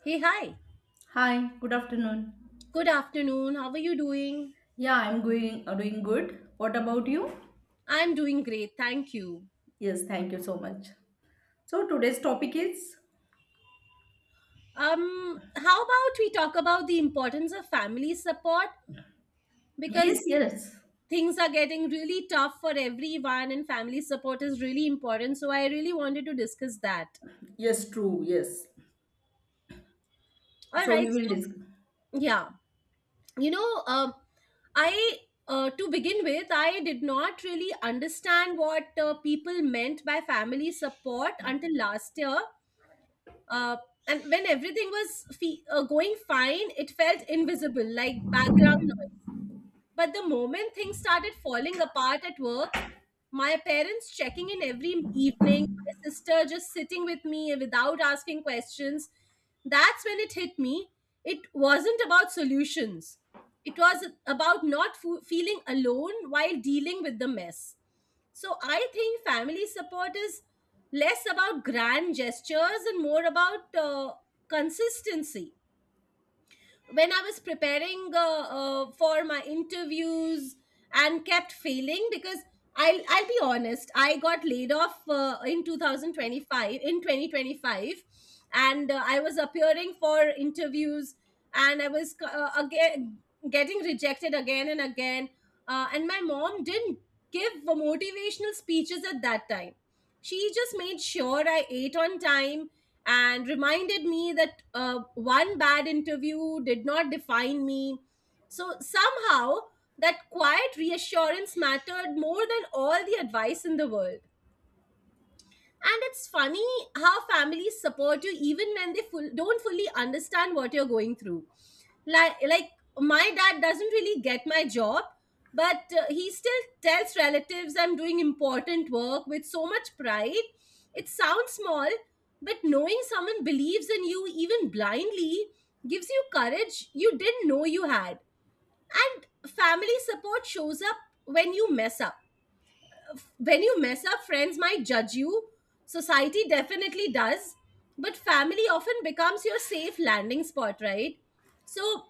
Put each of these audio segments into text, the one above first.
Hey, hi. Hi, good afternoon. Good afternoon. How are you doing? Yeah, I'm going doing good. What about you? I'm doing great. Thank you. Yes, thank you so much. So today's topic is How about we talk about the importance of family support? yes, Because yes, things are getting really tough for everyone, and family support is really important. So, I really wanted to discuss that. yes, true, yes. All So right. we will So, discuss. yeah. You know, I. To begin with, I did not really understand what people meant by family support until last year uh, and when everything was going fine it felt invisible like background noise. But the moment things started falling apart at work, my parents checking in every evening, my sister just sitting with me without asking questions, that's when it hit me. It wasn't about solutions, it was about not feeling alone while dealing with the mess. So I think family support is less about grand gestures and more about consistency when I was preparing for my interviews and kept failing because I'll be honest, I got laid off in 2025, and I was appearing for interviews and I was again getting rejected again and again, and my mom didn't give motivational speeches at that time. She just made sure I ate on time and reminded me that one bad interview did not define me. So somehow, that quiet reassurance mattered more than all the advice in the world. And it's funny how families support you even when they don't fully understand what you're going through. Like my dad doesn't really get my job, but he still tells relatives I'm doing important work with so much pride. It sounds small, but knowing someone believes in you even blindly gives you courage you didn't know you had. And family support shows up when you mess up when you mess up, friends might judge you. Society definitely does. But family often becomes your safe landing spot, right? So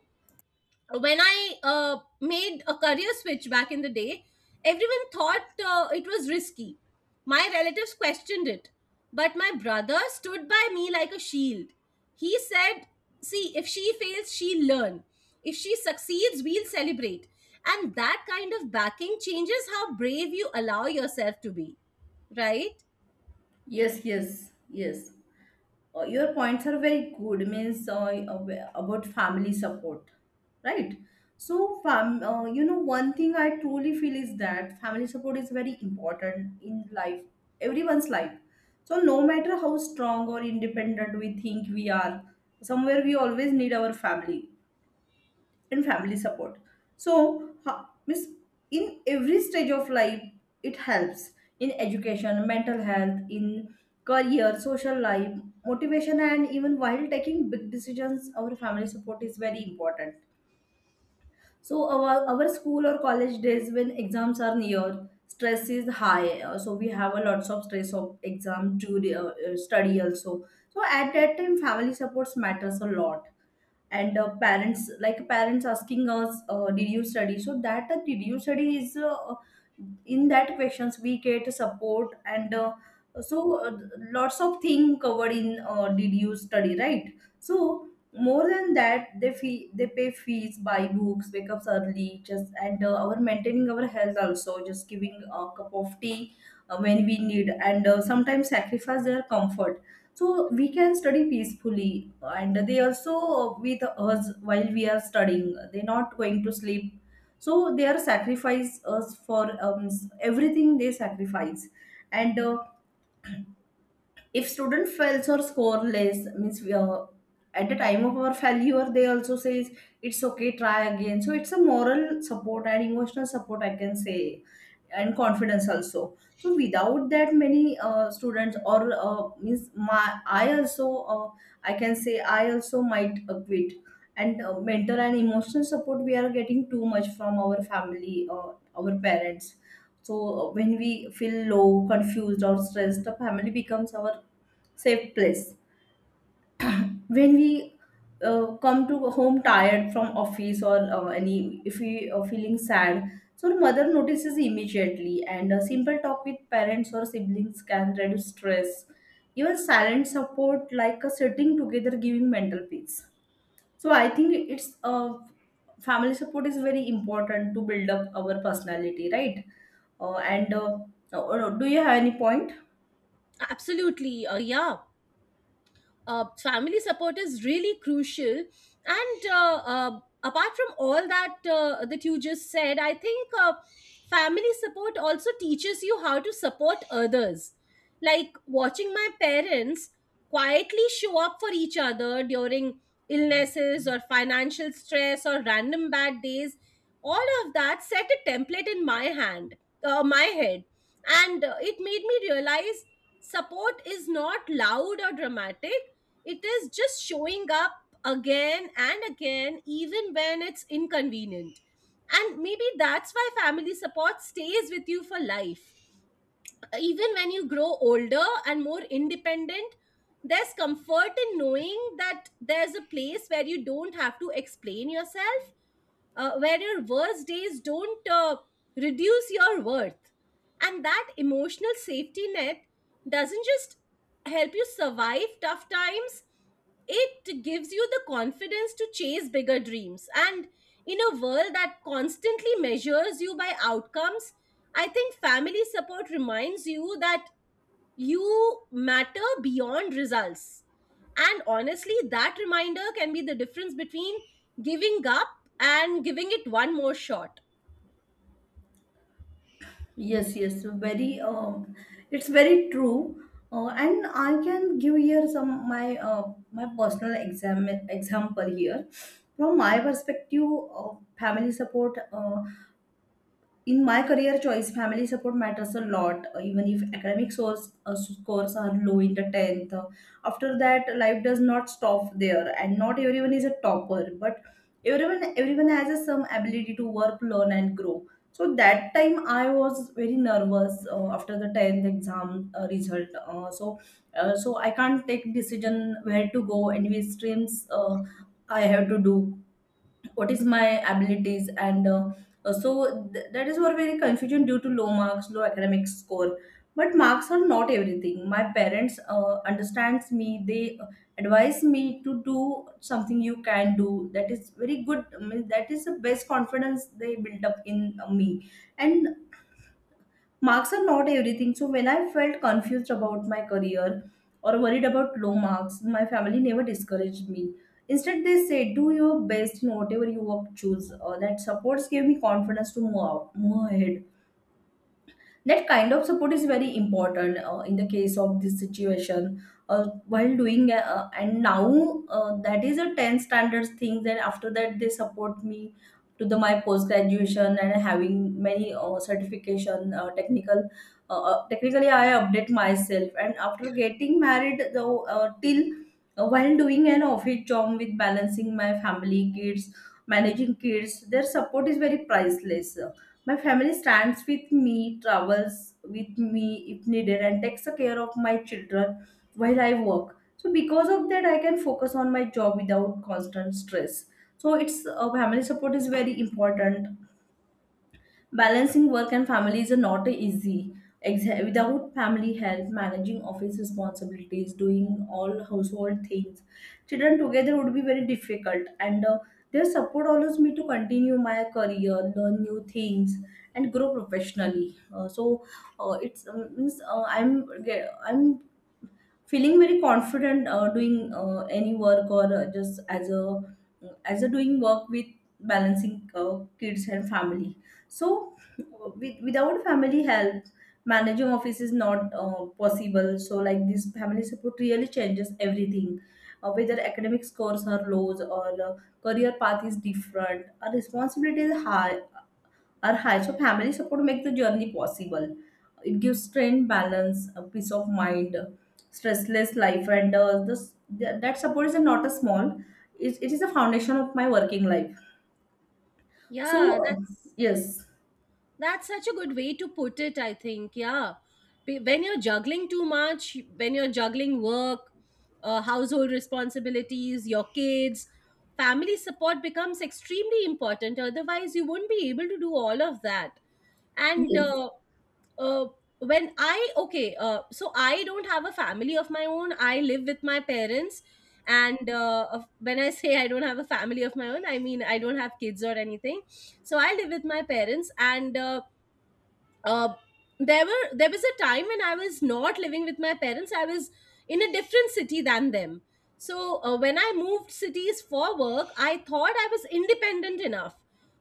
when I made a career switch back in the day, everyone thought it was risky. My relatives questioned it, but my brother stood by me like a shield. He said, "See, if she fails, she'll learn. If she succeeds, we'll celebrate." And that kind of backing changes how brave you allow yourself to be, right? Yes, yes, yes. Your points are very good means about family support, right. So one thing I truly feel is that family support is very important in life, everyone's life. So no matter how strong or independent we think we are, somewhere we always need our family and family support. So means in every stage of life it helps, in education, mental health, in career, social life, motivation, and even while taking big decisions our family support is very important. So our school or college days, when exams are near, stress is high, so we have a lots of stress of exam to study also. So at that time family supports matters a lot. And Parents, like parents asking us, did you study, so that did you study is in that questions we get support. And so Lots of thing covered in, did you study, right? So more than that, they pay fees, buy books, wake up early just, and our maintaining our health also, just giving a cup of tea when we need, and sometimes sacrifice their comfort so we can study peacefully. And they also with us while we are studying, they're not going to sleep. So they are sacrifice us for everything they sacrifice. And If student fails or score less, means we are, at the time of our failure, they also says it's okay, try again. So it's a moral support and emotional support, I can say, and confidence also. So without that, many students or means my I also I can say I also might quit. And Mental and emotional support we are getting too much from our family, our parents. So when we feel low, confused, or stressed, the family becomes our safe place. When we come to home tired from office, or any if we are feeling sad, so the mother notices immediately, and a simple talk with parents or siblings can reduce stress. Even silent support like a sitting together, giving mental peace. So I think it's family support is very important to build up our personality, right? And Do you have any point? Absolutely. Yeah. Family support is really crucial and apart from all that that you just said I think family support also teaches you how to support others, like watching my parents quietly show up for each other during illnesses or financial stress or random bad days. All of that set a template in my hand my head, and it made me realize support is not loud or dramatic, it is just showing up again and again, even when it's inconvenient. And maybe that's why family support stays with you for life. Even when you grow older and more independent, there's comfort in knowing that there's a place where you don't have to explain yourself, where your worst days don't reduce your worth. And that emotional safety net doesn't just help you survive tough times, it gives you the confidence to chase bigger dreams. And in a world that constantly measures you by outcomes, I think family support reminds you that you matter beyond results. And honestly, that reminder can be the difference between giving up and giving it one more shot. Yes, yes, very. It's very true, and I can give here some my personal example here. From my perspective, family support, in my career choice, family support matters a lot, even if academic scores are low in the 10th. After that, life does not stop there, and not everyone is a topper, but everyone has a, some ability to work, learn, and grow. So that time I was very nervous after the 10th exam result. So I can't take decision where to go and which streams, I have to do, what is my abilities. That is what very confusion due to low marks, low academic score, but marks are not everything. My parents understands me. They advise me to do something you can do, that is very good. I mean, that is the best confidence they built up in me. And marks are not everything. So when I felt confused about my career or worried about low marks, my family never discouraged me. Instead, they said, "Do your best in whatever you work choose." That supports gave me confidence to move out, move ahead. That kind of support is very important in the case of this situation, while doing and now that is a 10 standards thing. Then after that they support me to the my post graduation and having many certification, technically I update myself. And after getting married, though till while doing an office job with balancing my family, kids, managing kids, their support is very priceless. My family stands with me, travels with me if needed, and takes care of my children while I work. So because of that, I can focus on my job without constant stress. So it's family support is very important. Balancing work and family is not easy. Without family help, managing office responsibilities, doing all household things, children together would be very difficult. And Their support allows me to continue my career, learn new things, and grow professionally. So it's means I'm ge- I'm feeling very confident doing any work, or just as a doing work with balancing kids and family. So without family help, managing office is not possible. So like this, family support really changes everything, whether academic scores are low, or career path is different, our responsibility is high are high. So family support makes the journey possible. It gives strength, balance, a peace of mind, stressless life, and this that that support is not a small. It is a foundation of my working life. So Yeah, yes, that's such a good way to put it, I think. Yeah. When you're juggling too much, when you're juggling work, household responsibilities, your kids, family support becomes extremely important. Otherwise, you wouldn't be able to do all of that. And yes, uh, when I okay, so I don't have a family of my own. I live with my parents, and when I say I don't have a family of my own, I mean I don't have kids or anything. So I live with my parents, and uh, there was a time when I was not living with my parents. I was in a different city than them. So when I moved cities for work, I thought I was independent enough.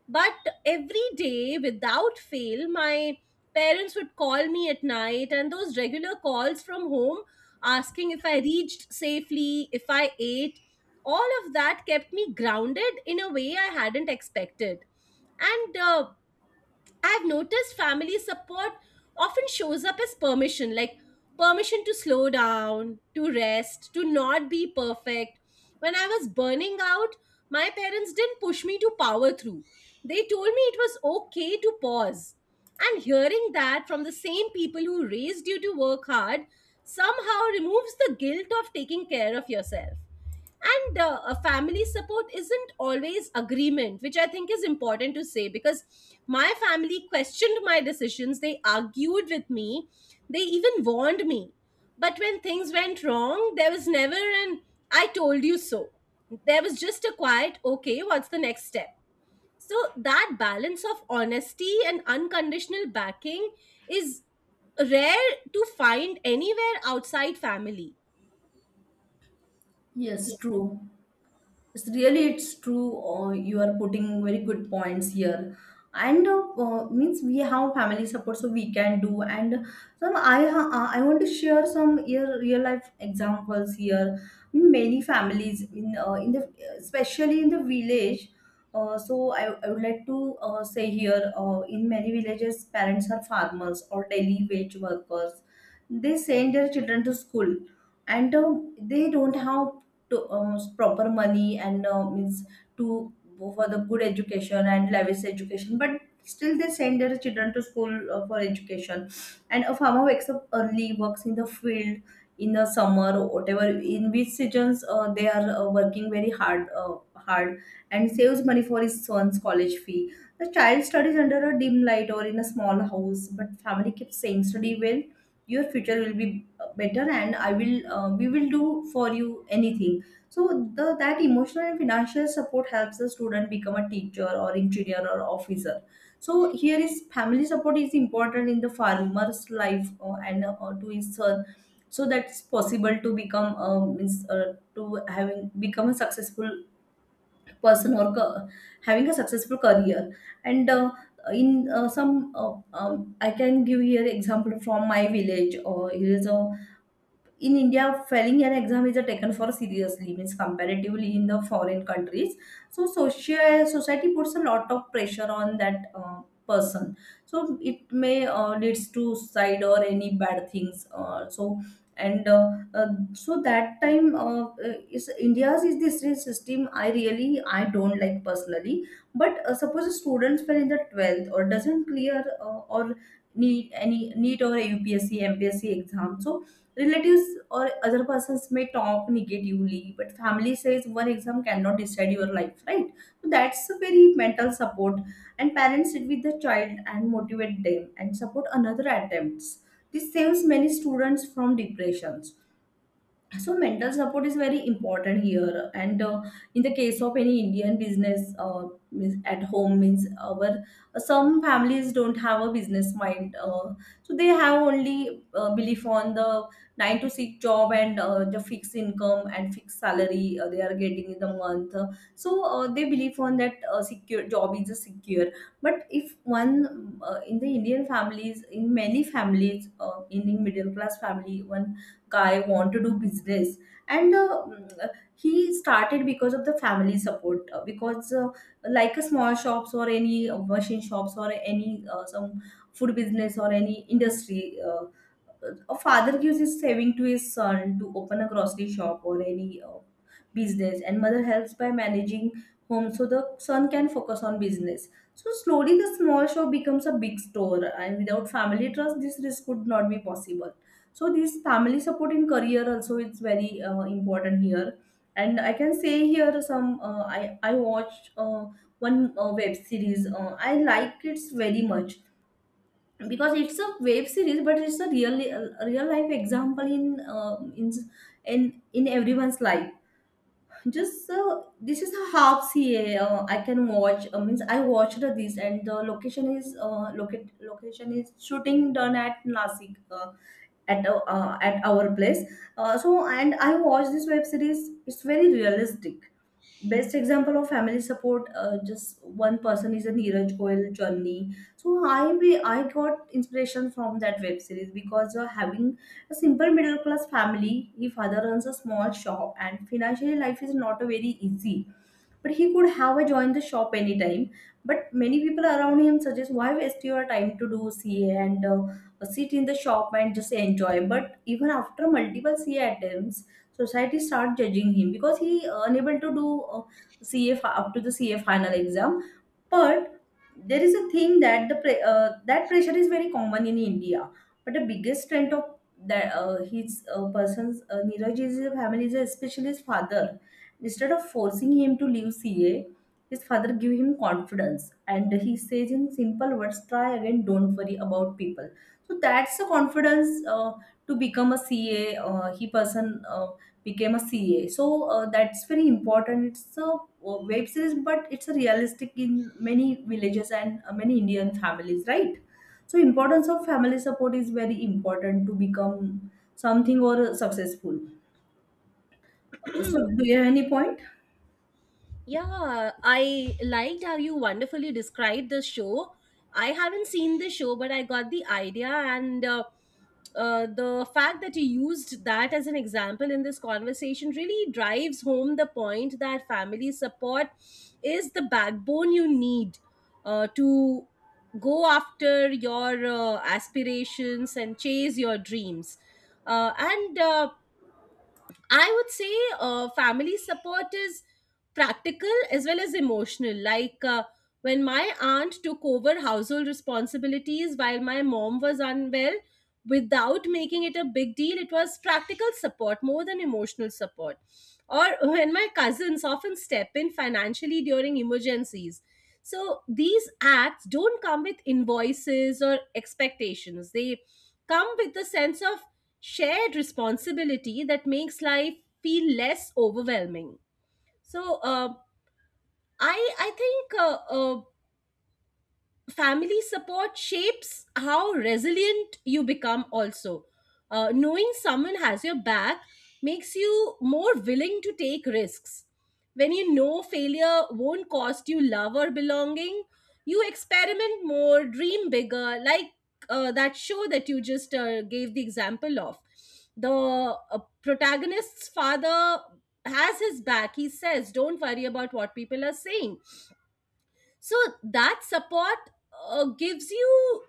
But every day, without fail, my parents would call me at night, and those regular calls from home asking if I reached safely, if I ate, all of that kept me grounded in a way I hadn't expected. And I've noticed family support often shows up as permission, like permission to slow down, to rest, to not be perfect. When I was burning out, my parents didn't push me to power through. They told me it was okay to pause. And hearing that from the same people who raised you to work hard somehow removes the guilt of taking care of yourself. And a family support isn't always agreement, which I think is important to say, because my family questioned my decisions, they argued with me, they even warned me, but when things went wrong there was never an "I told you so," there was just a quiet, "Okay, what's the next step?" So that balance of honesty and unconditional backing is rare to find anywhere outside family. yes, true. It's really, it's true. You are putting very good points here, and means we have family support so we can do. And some I want to share some real life examples here. In many families in the, especially in the village, so I would like to say here, in many villages parents are farmers or daily wage workers. They send their children to school, and they don't have to, proper money, and means to go for the good education and lavish education, but still they send their children to school for education. And a farmer wakes up early, works in the field in the summer or whatever, in which seasons they are working very hard, hard, and saves money for his son's college fee. The child studies under a dim light or in a small house, but family keeps saying, study well, your future will be better, and I will we will do for you anything. So the that emotional and financial support helps the student become a teacher or engineer or officer. So here is family support is important in the farmer's life, and to his son. So that's possible to become, to having become a successful person, having a successful career. And in some I can give here example from my village. Or here is a, in India, failing an exam is a taken for seriously, means comparatively in the foreign countries. So social society puts a lot of pressure on that person. So it may leads to suicide or any bad things. And uh, uh, so that time, is India's, is this is system, I really, I don't like personally. But suppose a student fell in the 12th or doesn't clear, or need any NEET or UPSC MPSC exam. So relatives or other persons may talk negatively, but family says one exam cannot decide your life, right? So that's a very mental support. And parents sit with the child and motivate them and support another attempts. This saves many students from depression. So mental support is very important here. And In the case of any Indian business, means at home, means our some families don't have a business mind, so they have only belief on the 9 to 6 job, and the fixed income and fixed salary they are getting in the month. They believe on that secure job is a secure. But if one, in the Indian families, in many families, in the middle class family, one guy want to do business, and uh, mm, he started because of the family support, because like a small shops or any machine shops or any some food business or any industry. A father gives his saving to his son to open a grocery shop or any business, and mother helps by managing home so the son can focus on business. So slowly the small shop becomes a big store, and without family trust this risk could not be possible. So this family support in career also is very important here. And I can say here some, I I watched one web series. I like it very much because it's a web series, but it's a real life example in everyone's life. Just This is a half CA, I can watch. Means I watched this, and the location is, locate location is shooting done at Nasik, at at our place. So, and I watched this web series. It's very realistic. Best example of family support. Just one person is a Neeraj Goyal journey. So I got inspiration from that web series because, having a simple middle class family, he father runs a small shop and financially life is not a very easy, but he could have a joined the shop anytime. But many people around him suggest why waste your time to do CA and, sit in the shop and just enjoy. But even after multiple CA attempts, society start judging him because he, unable to do, uh, up to the CA final exam. But there is a thing that that pressure is very common in India. But the biggest strength of that his person's Neeraj is his family, is especially his father. Instead of forcing him to leave CA, his father gave him confidence and he says in simple words, try again, don't worry about people. So that's the confidence, to become a CA. He person, became a CA. So that's very important. It's a, web series, but it's a realistic in many villages and, many Indian families, right? So importance of family support is very important to become something or, successful. So, do you have any point? Yeah, I liked how you wonderfully described the show. I haven't seen the show, but I got the idea, and the fact that you used that as an example in this conversation really drives home the point that family support is the backbone you need to go after your aspirations and chase your dreams. And I would say family support is practical as well as emotional. Like when my aunt took over household responsibilities while my mom was unwell, without making it a big deal, it was practical support more than emotional support. Or when my cousins often step in financially during emergencies. So these acts don't come with invoices or expectations, they come with a sense of shared responsibility that makes life feel less overwhelming. So, I think family support shapes how resilient you become. Also, knowing someone has your back makes you more willing to take risks. When you know failure won't cost you love or belonging, you experiment more, dream bigger. Like that show that you just gave the example of. The protagonist's father has his back. He says, "Don't worry about what people are saying." So that support gives you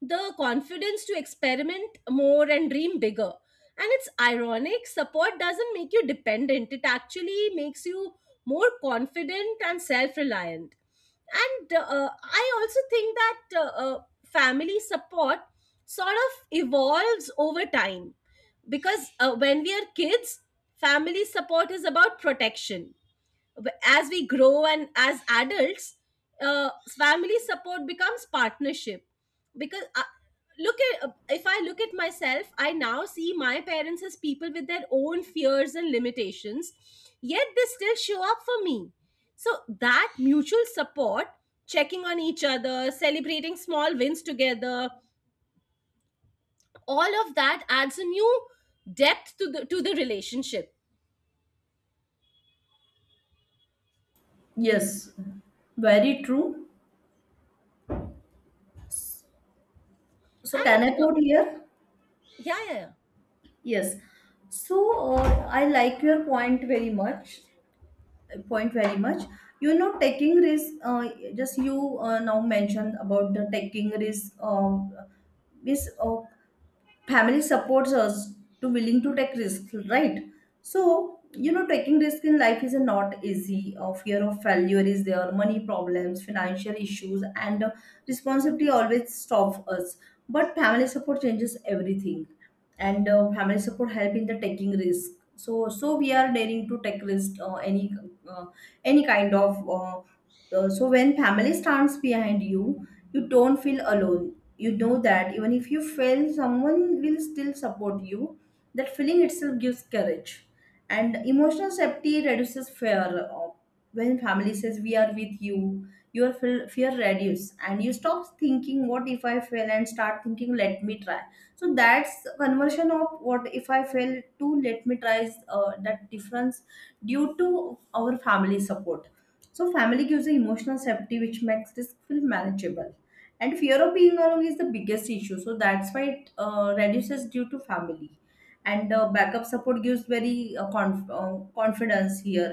the confidence to experiment more and dream bigger. And it's ironic, support doesn't make you dependent, it actually makes you more confident and self reliant. And I also think that family support sort of evolves over time because when we are kids, family support is about protection. As we grow and as adults, uh, family support becomes partnership, because look at if I look at myself, I now see my parents as people with their own fears and limitations, yet they still show up for me. So that mutual support, checking on each other, celebrating small wins together, all of that adds a new depth to the relationship. Yes, very true. So, can And I put here? yeah, yeah. Yes. So, I like your point very much. Point very much. You know, taking risk. Just you, now mentioned about the taking risk. Is Family supports us to willing to take risks, right? So you know, taking risk in life is not easy. Fear of failure is there, money problems, financial issues, and, responsibility always stop us. But family support changes everything. And, family support help in the taking risk, so we are daring to take risk, uh, any kind of. So when family stands behind you, you don't feel alone. You know that even if you fail, someone will still support you. That feeling itself gives courage, and emotional safety reduces fear. When family says we are with you, your fear reduces, and you stop thinking what if I fail and start thinking let me try. So that's conversion of what if I fail to let me try. That difference, due to our family support. So family gives a emotional safety which makes risk feel manageable, and fear of being alone is the biggest issue, so that's why it, reduces due to family. And, backup support gives very, confidence here.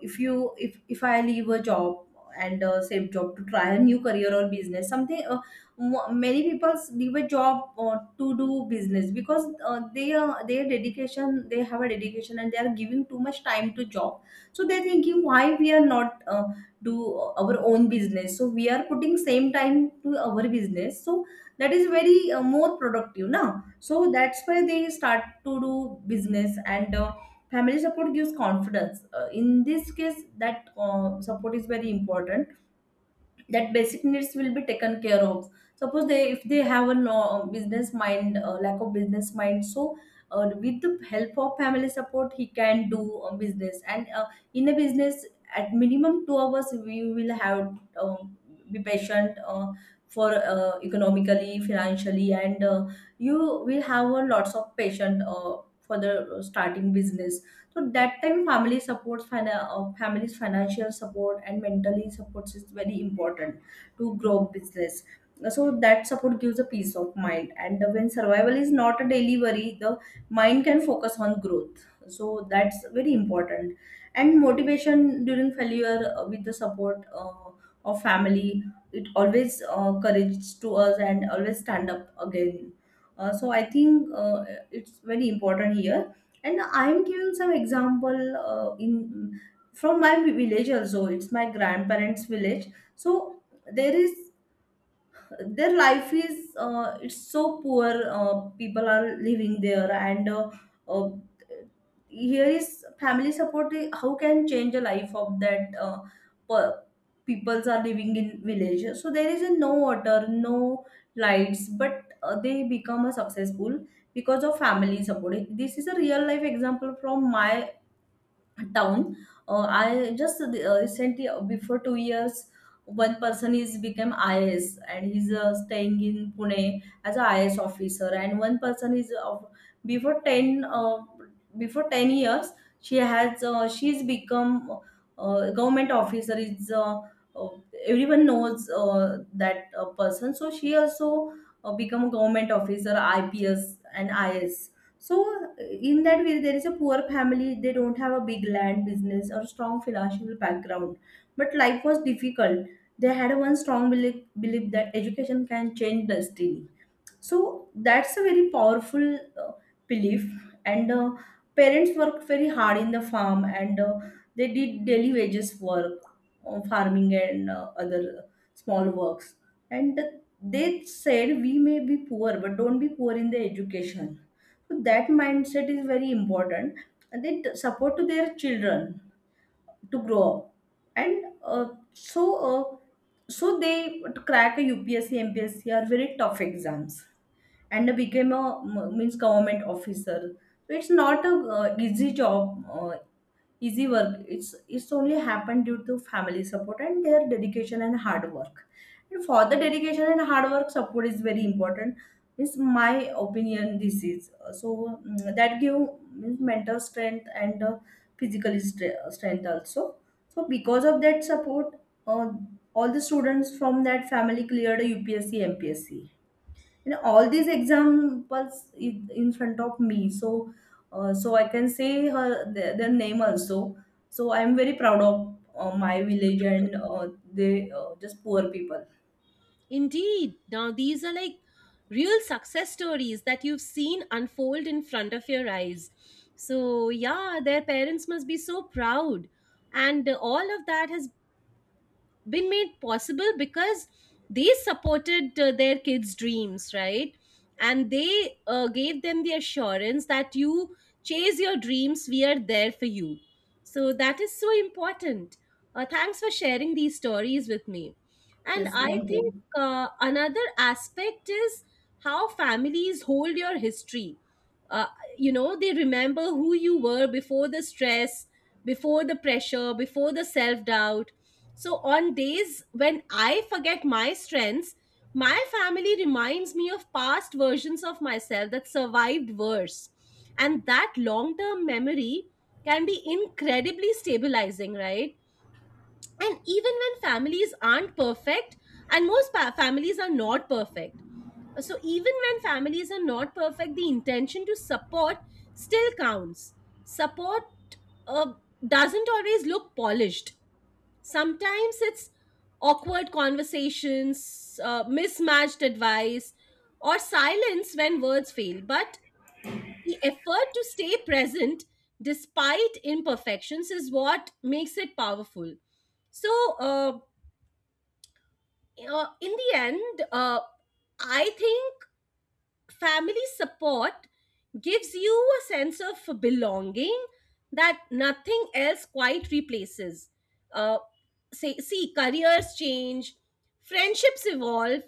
If you if if i leave a job and, same job to try a new career or business, something. Many people leave a job, to do business because, they are their dedication, they have a dedication and they are giving too much time to job. So they're thinking, why we are not, do our own business. So we are putting same time to our business, so that is very, more productive now. So that's why they start to do business. And, family support gives confidence. In this case, that, support is very important, that basic needs will be taken care of. Suppose they have a no, business mind, lack of business mind. So, with the help of family support, he can do, business. And, in a business, at minimum 2 hours we will have, um, be patient, for, economically, financially, and, you will have a lots of patient, for the starting business. So that time family support, family's financial support and mentally supports is very important to grow business. So that support gives a peace of mind. And when survival is not a daily worry, the mind can focus on growth. So that's very important. And motivation during failure, with the support, of family, it always, courage to us and always stand up again. So I think, it's very important here. And I'm giving some example, in from my village, also it's my grandparents village. So there is their life is, it's so poor. People are living there, and, uh, here is family support, eh, how can change the life of that, per- peoples are living in village. So there is a no water, no lights, but, they become a successful because of family support. This is a real life example from my town. I just, recently, before 2 years, one person is become IAS and he's, staying in Pune as a is officer. And one person is of before 10 uh, before 10 years, she has, she's become, government officer is, uh, everyone knows, that, person. So she also, become a government officer, IPS and IAS. So in that way, there is a poor family, they don't have a big land business or strong financial background, but life was difficult. They had one strong belief, belief that education can change destiny. So that's a very powerful, belief. And, parents worked very hard in the farm, and, they did daily wages work, farming, and, other small works. And they said, we may be poor, but don't be poor in the education. So that mindset is very important. And they support to their children to grow up. And, uh, so they to crack a UPSC MPSC are very tough exams, and became a means government officer. So it's not a, easy work. It's only happened due to family support and their dedication and hard work. And for the dedication and hard work, support is very important, is my opinion. This is, so, that give, means mental strength, and, strength also. So because of that support, uh, all the students from that family cleared a UPSC MPSC. You know, all these examples in front of me. So, so I can say their name also. So I'm very proud of, my village, and, they, just poor people. Indeed. Now, these are like real success stories that you've seen unfold in front of your eyes. So, yeah, their parents must be so proud. And all of that has been made possible because they supported their kids' dreams, right? And they gave them the assurance that you chase your dreams, we are there for you. So that is so important. Thanks for sharing these stories with me. And Yes, I thank think you. Another aspect is how families hold your history. uh, you know, they remember who you were before the stress, before the pressure, before the self doubt. So, on days when I forget my strengths, my family reminds me of past versions of myself that survived worse. And that long term memory can be incredibly stabilizing, right? And even when families aren't perfect, and most families are not perfect. So, even when families are not perfect, the intention to support still counts. Support uh, doesn't always look polished. Sometimes it's awkward conversations, mismatched advice, or silence when words fail. But the effort to stay present despite imperfections is what makes it powerful. So, uh, in the end, I think family support gives you a sense of belonging that nothing else quite replaces. Uh, See, careers change, friendships evolve,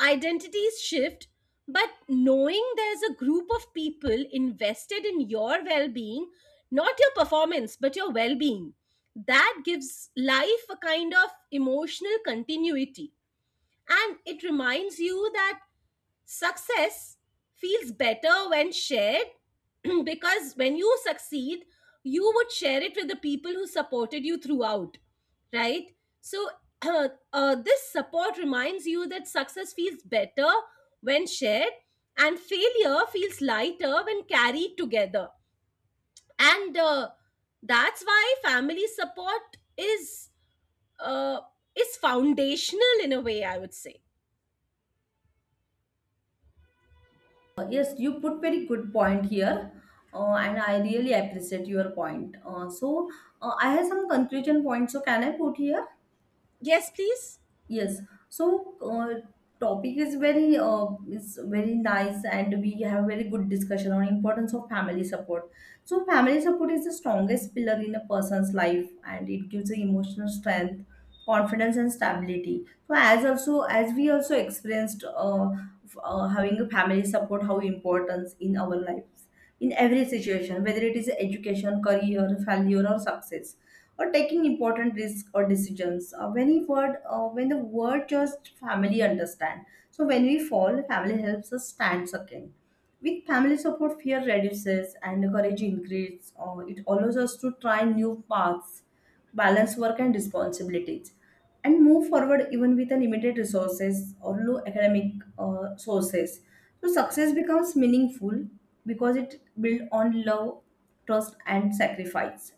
identities shift, but knowing there's a group of people invested in your well being, not your performance, but your well being, that gives life a kind of emotional continuity. And it reminds you that success feels better when shared. Because when you succeed, you would share it with the people who supported you throughout, right? So, this support reminds you that success feels better when shared and failure feels lighter when carried together. And that's why family support uh, is foundational in a way, I would say. Yes, you put very good point here, and I really appreciate your point. So, I have some conclusion points. So, can I put here? Yes, please. Yes. So, topic is very nice, and we have very good discussion on importance of family support. So, family support is the strongest pillar in a person's life, and it gives the emotional strength, confidence, and stability. So, as we also experienced, having a family support, how important in our lives, in every situation, whether it is education, career, failure or success, or taking important risks or decisions, when the word just family understand. So when we fall, family helps us stand again. With family support, fear reduces and courage increases. It allows us to try new paths, balance work and responsibilities, and move forward, even with a limited resources or low academic, sources. So success becomes meaningful because it built on love, trust, and sacrifice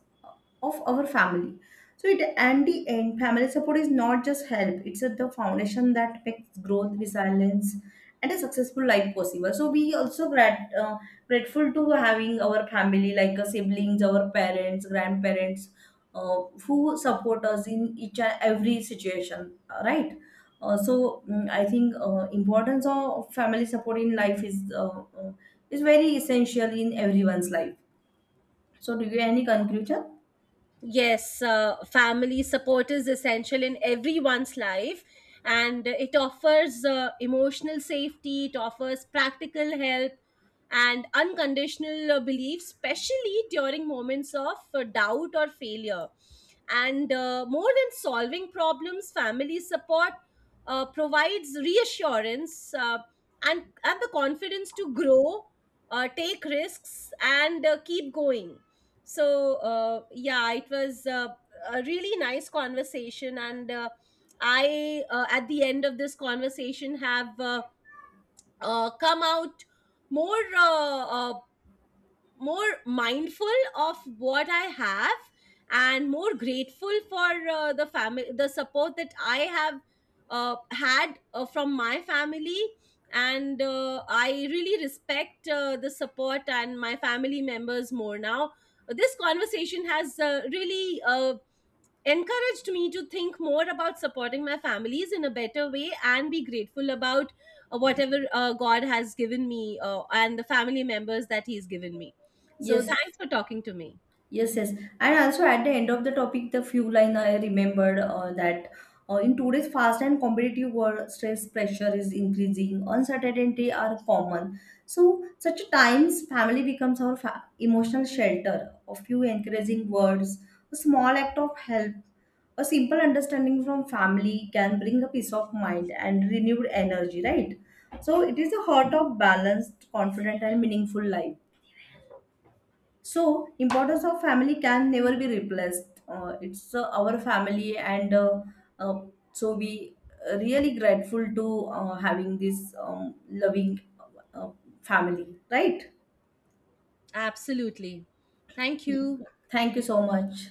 of our family. So it, and the end, family support is not just help; it's a, the foundation that makes growth, resilience, and a successful life possible. So we also grateful to having our family, like, siblings, our parents, grandparents, who support us in each and every situation, right? So, I think, importance of family support in life is, is very essential in everyone's life. So, do you have any conclusion? Yes, family support is essential in everyone's life, and it offers emotional safety, it offers practical help, and unconditional belief, especially during moments of doubt or failure. And more than solving problems, family support provides reassurance, and and the confidence to grow, take risks, and keep going. So yeah, it was a really nice conversation, and I at the end of this conversation have come out more uh, uh, more mindful of what I have and more grateful for the support that I have had from my family. And I really respect the support and my family members more now. This conversation has really encouraged me to think more about supporting my families in a better way and be grateful about whatever God has given me, and the family members that He's given me. So, Yes. thanks for talking to me. Yes, yes. And also at the end of the topic, the few line I remembered, that, in today's fast and competitive world, stress pressure is increasing, uncertainty are common. So, such times, family becomes our emotional shelter. A few encouraging words, a small act of help, a simple understanding from family can bring a peace of mind and renewed energy, right? So, it is a heart of balanced, confident, and meaningful life. So importance of family can never be replaced, it's, our family, and, uh, so we, really grateful to, having this, loving, uh, family, right? Absolutely. Thank you. Thank you so much.